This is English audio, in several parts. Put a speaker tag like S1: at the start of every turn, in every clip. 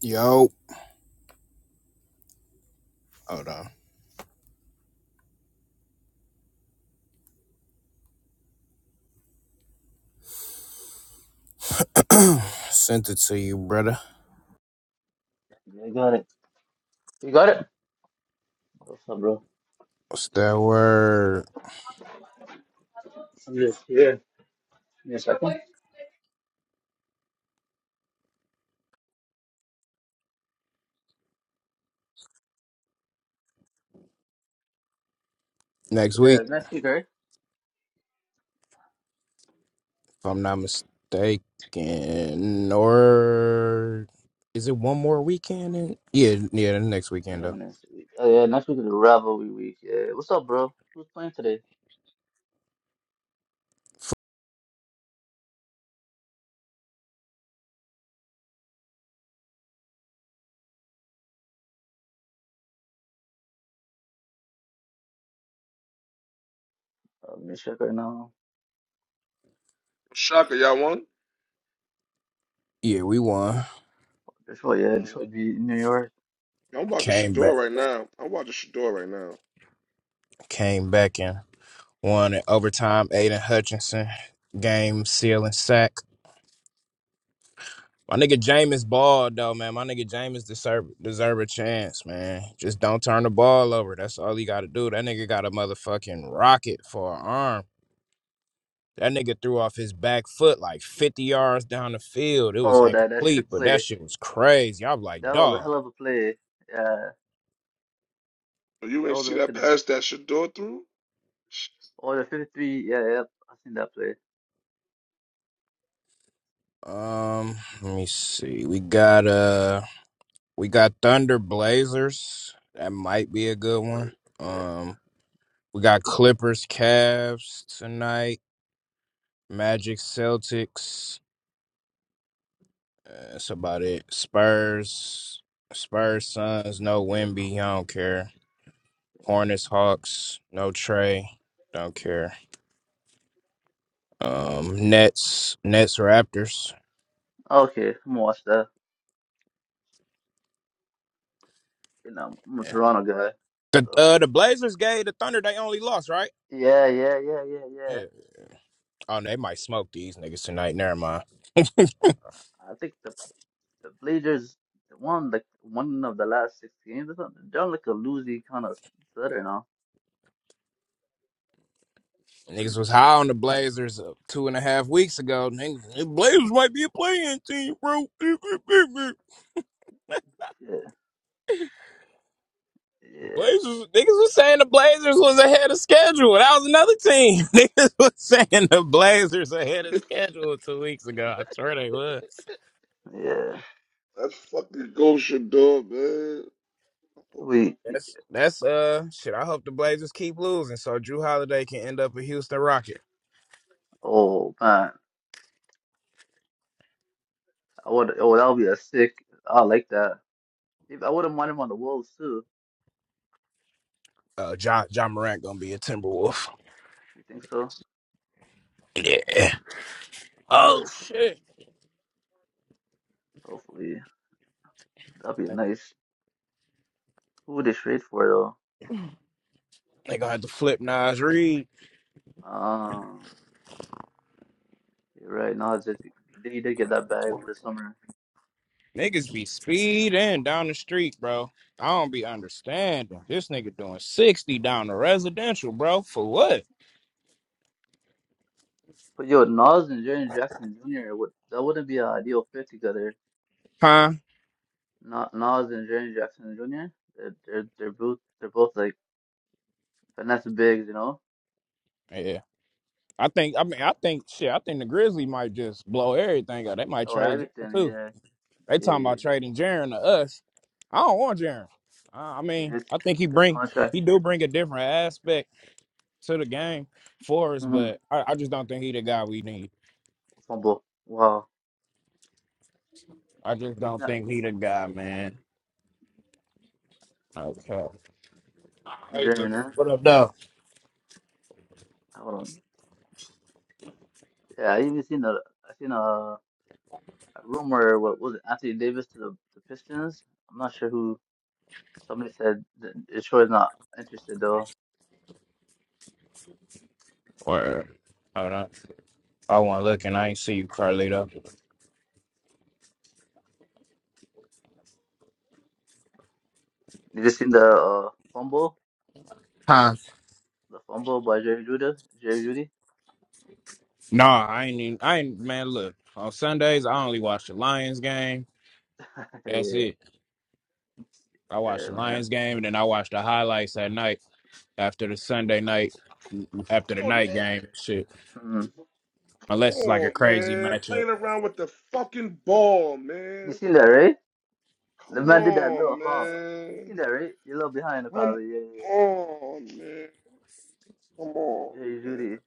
S1: Yo, hold on. Sent it to you, brother.
S2: Yeah, I got it. You got it? What's up, bro?
S1: What's that word?
S2: I'm just here. Give me a second.
S1: Next
S2: Yeah,
S1: week,
S2: next week, right?
S1: if I'm not mistaken, or is it one more weekend? in- Yeah, yeah, the next weekend
S2: Yeah,
S1: though.
S2: next week. Oh, yeah, next week is the rivalry week. Yeah, what's up, bro? Who's playing today?
S1: F-
S2: Uh, let me check right now.
S3: Shaka, y'all won?
S1: Yeah, we won.
S2: Detroit, yeah,
S3: Mm.
S2: Detroit beat New York.
S3: I'm watching
S1: Came
S3: Shador
S1: back,
S3: right now. I'm watching Shador right now.
S1: came back and won in overtime. Aiden Hutchinson game sealing sack. My nigga Jameis balled though, man. My nigga Jameis deserve deserve a chance, man. Just don't turn the ball over. That's all he got to do. That nigga got a motherfucking rocket for an arm. That nigga threw off his back foot like 50 yards down the field. It was
S2: Oh, that that trick
S1: incomplete, but that
S2: play.
S1: shit was crazy. I'm like,
S2: That was a
S1: dog.
S2: hell of a play. Yeah,
S3: But you
S2: that
S3: ain't
S2: was
S3: see
S2: like
S3: that
S2: the
S3: pass that Shador threw?
S2: oh the 53. Yeah, yeah, I seen that play.
S1: Um, let me see. We got uh, we got Thunder Blazers. That might be a good
S2: Oh,
S1: one.
S2: yeah, yeah,
S1: Um, we got Clippers Cavs tonight. Magic Celtics. That's about it. Spurs, Spurs, Suns, no
S2: yeah,
S1: Wimby,
S2: no.
S1: I don't care. Hornets, Hawks, no Trey, don't care. Um, Nets, Nets, Raptors.
S2: Okay, I'm gonna watch that. You know, I'm a
S1: Yeah.
S2: Toronto guy,
S1: The
S2: so
S1: uh, the Blazers gave the Thunder they only lost right.
S2: yeah, yeah, yeah, yeah, yeah.
S1: Yeah. Oh, they might smoke these niggas tonight. Never mind.
S2: I think the The Blazers won like one of the last six games or something. They're on like a losing kind of stutter now.
S1: Niggas was high on the Blazers uh, two and a half weeks ago. Niggas, the Blazers might be a playing team, bro.
S2: Yeah, yeah,
S1: Blazers niggas was saying the Blazers was ahead of schedule. That was another team. Niggas was saying the Blazers ahead of schedule two weeks ago. I swear they was.
S2: yeah.
S3: That's fucking go Shador, man. Oh,
S2: We,
S1: That's that's uh shit. I hope the Blazers keep losing so Drew Holiday can end up a Houston Rocket.
S2: oh man, I would. Oh, that would be a sick. I like that. If I wouldn't mind him on the Wolves too.
S1: Uh, John John Morant gonna be a Timberwolf.
S2: You think so?
S1: Yeah. Oh shit.
S2: Hopefully, that'd be nice. Who would they trade for though?
S1: They gonna have to flip Nas Reed.
S2: Ah, you're right. Nas did, they did get that bag over the summer.
S1: Niggas be speeding down the street, bro. I don't be understanding. This nigga doing 60 down the residential, bro. For what?
S2: But yo, Nas and Jaren Jackson Jr. would that wouldn't be an ideal fit together.
S1: Huh?
S2: Na- Nas and Janet Jackson Jr. They're they're, they're both they're both like finesse bigs, you know.
S1: Yeah. I think I mean
S2: Uh,
S1: I think shit, I think the Grizzlies might just blow everything up. They might
S2: oh,
S1: trade Jaren
S2: Abington,
S1: too.
S2: yeah,
S1: They
S2: yeah.
S1: talking about trading Jaren to us. I don't want Jaren. Uh, I
S2: See,
S1: mean,
S2: His
S1: I think he
S2: his
S1: bring
S2: contract.
S1: he do bring a different aspect to the game for us,
S2: Mm,
S1: but I, I just don't think he the guy we need.
S2: fumble. Wow,
S1: I just
S2: he's
S1: don't
S2: not
S1: think he the guy, man. Okay. Hey,
S2: Jr.
S1: Duke.
S2: Huh?
S1: What up, though?
S2: Hold on. Yeah, I even seen a I seen a, a rumor. What was it? Anthony Davis to the, the Pistons. I'm not sure who. Somebody said that Detroit's not interested though.
S1: Word. Hold on. I wasn't looking. I ain't see you, Carlito.
S2: You just seen the uh, fumble, the fumble by Jerry Judy, Jerry Judy.
S1: Nah, I ain't. Even, I ain't. Man, look. On Sundays, I only watch the Lions game. That's
S2: Hey,
S1: it. I watched
S2: yeah,
S1: the
S2: man.
S1: Lions game, and then I watched the highlights at night after the Sunday night, after
S3: Come
S1: the
S3: on,
S1: night
S3: man.
S1: game. and Shit,
S2: Mm-hmm.
S1: unless
S3: Come
S1: it's like a
S3: on,
S1: crazy
S3: man.
S1: matchup.
S3: Playing around with the fucking ball,
S2: You
S3: man.
S2: seen that, right? The
S3: Come
S2: man did that little
S3: on,
S2: hop. You
S3: man.
S2: seen that, right? You're a little behind,
S3: Come
S2: probably. Yeah, yeah,
S3: on, man. Come on,
S2: yeah. Hey,
S3: man.
S2: Judy.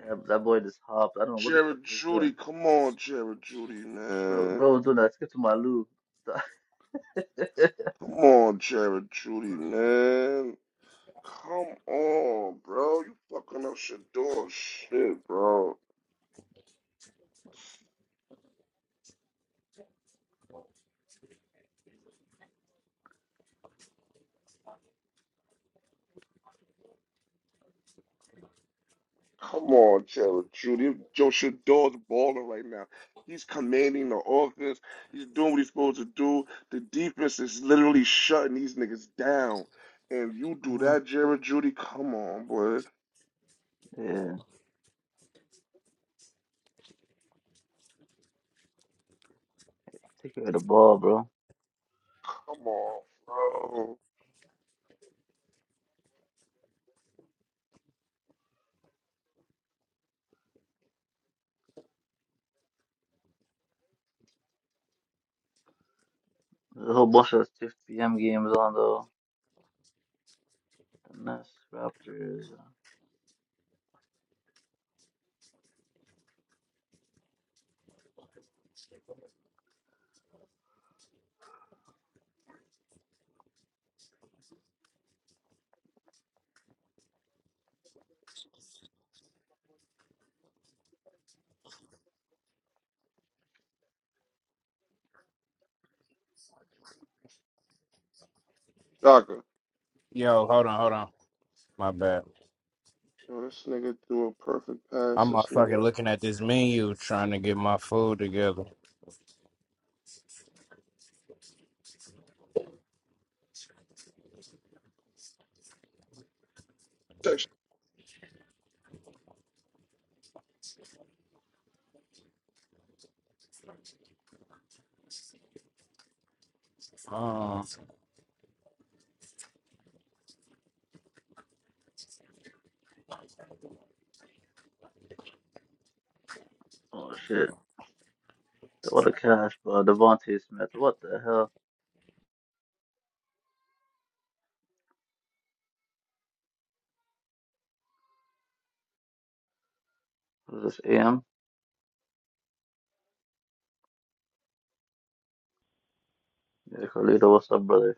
S2: Yeah, that boy just hopped. I don't know what the fuck
S3: Jared
S2: he was
S3: Judy,
S2: doing.
S3: come on, Jared Judy,
S2: Bro,
S3: man.
S2: bro was doing that skip to my loo.
S3: Come on, Jared Judy, man. Come on, bro. You fucking up Shador's shit, bro. Come on, tell the truth. If Joe Shador's balling right now. He's commanding the offense. He's doing what he's supposed to do. The defense is literally shutting these niggas down. And you do
S2: hmm
S3: that, Jared Judy? Come on, boy.
S2: Yeah, take care of the ball, bro.
S3: Come on, bro.
S2: There's a whole bunch of 6 p.m. games on, though. The Nets, Raptors. uh,
S3: Shaka.
S1: Yo, hold on, hold on. My bad.
S3: Yo, this nigga threw a perfect pass.
S1: I'm uh,
S3: This
S1: fucking
S3: nigga.
S1: looking at this menu trying to get my food together. Um.
S2: Oh, shit. What a cash, bro. Devontae Smith. What the hell? What is this, AM? Yeah, Carlito, what's up, brother?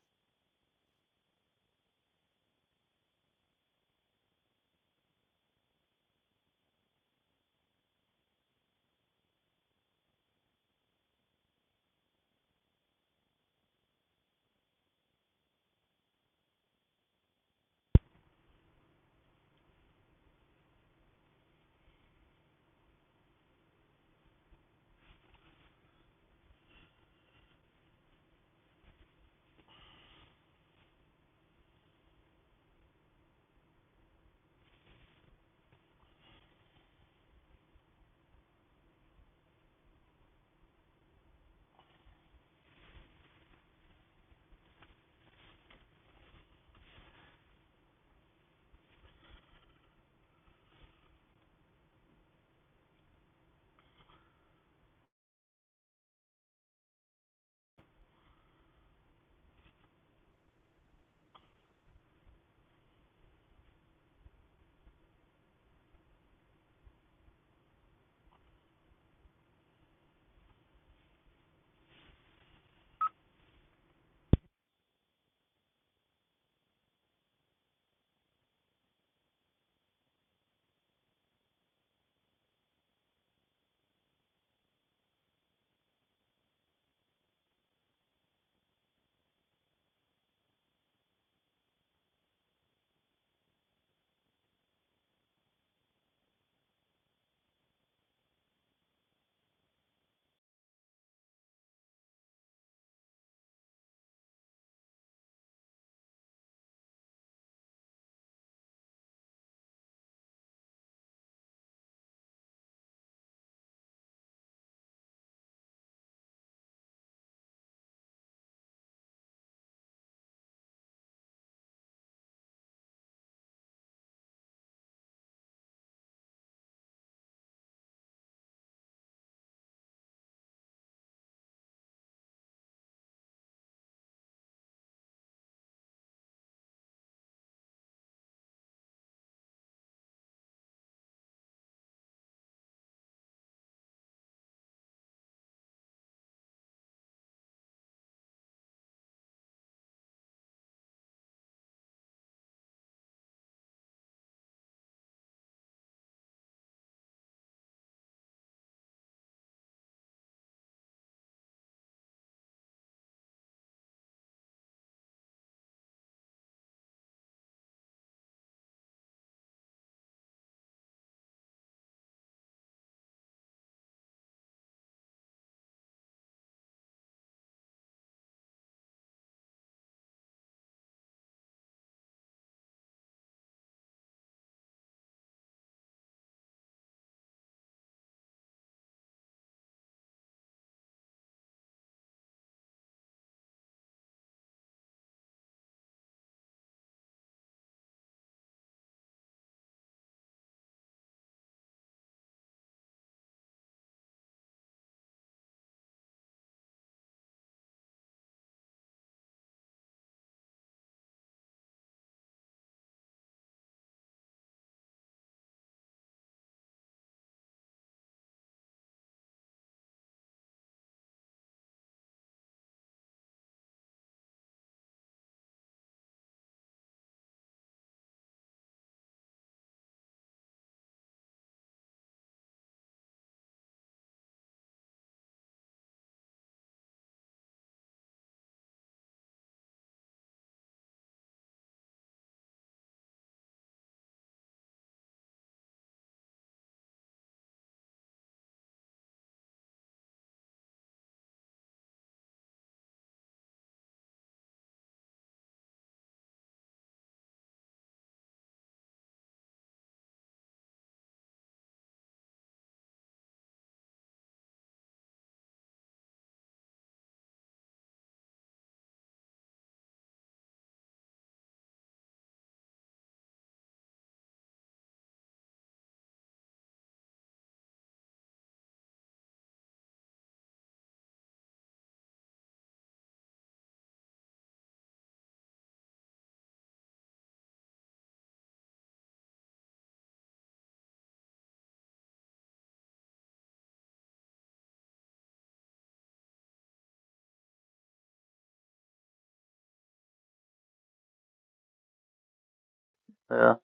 S2: Yeah.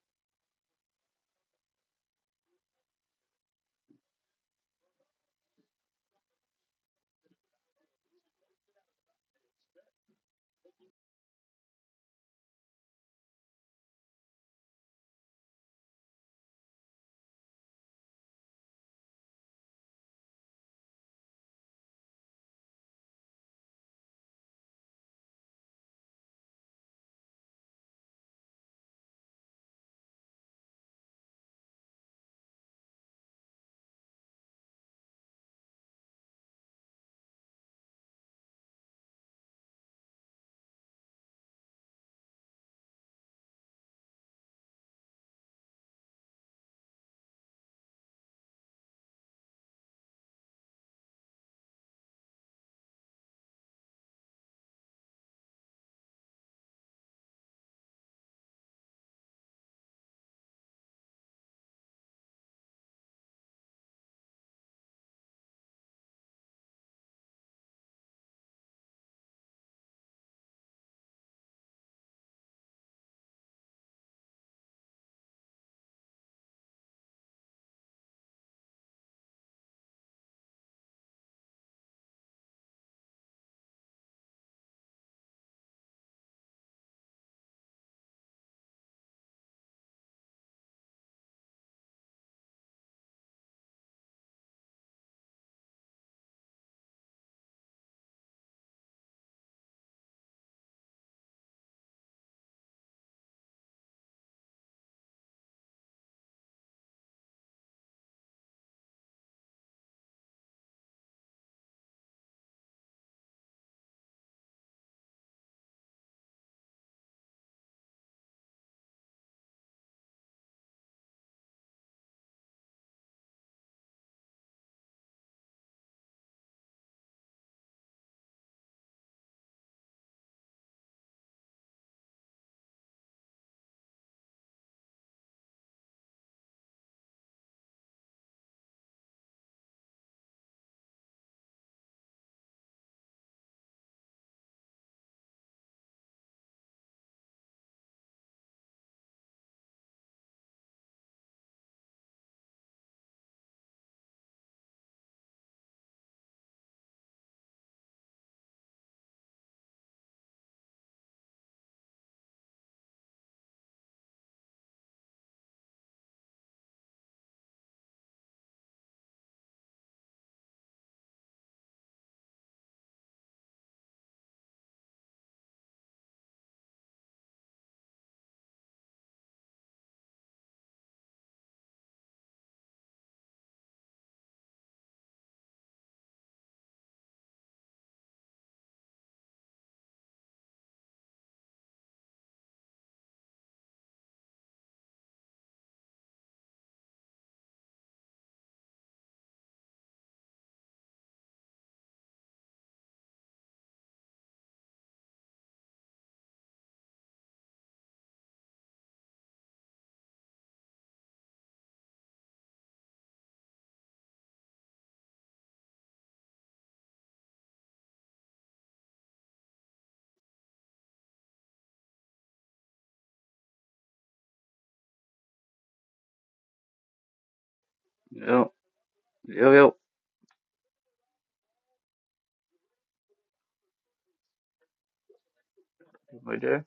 S2: Yo, yo, yo. right there?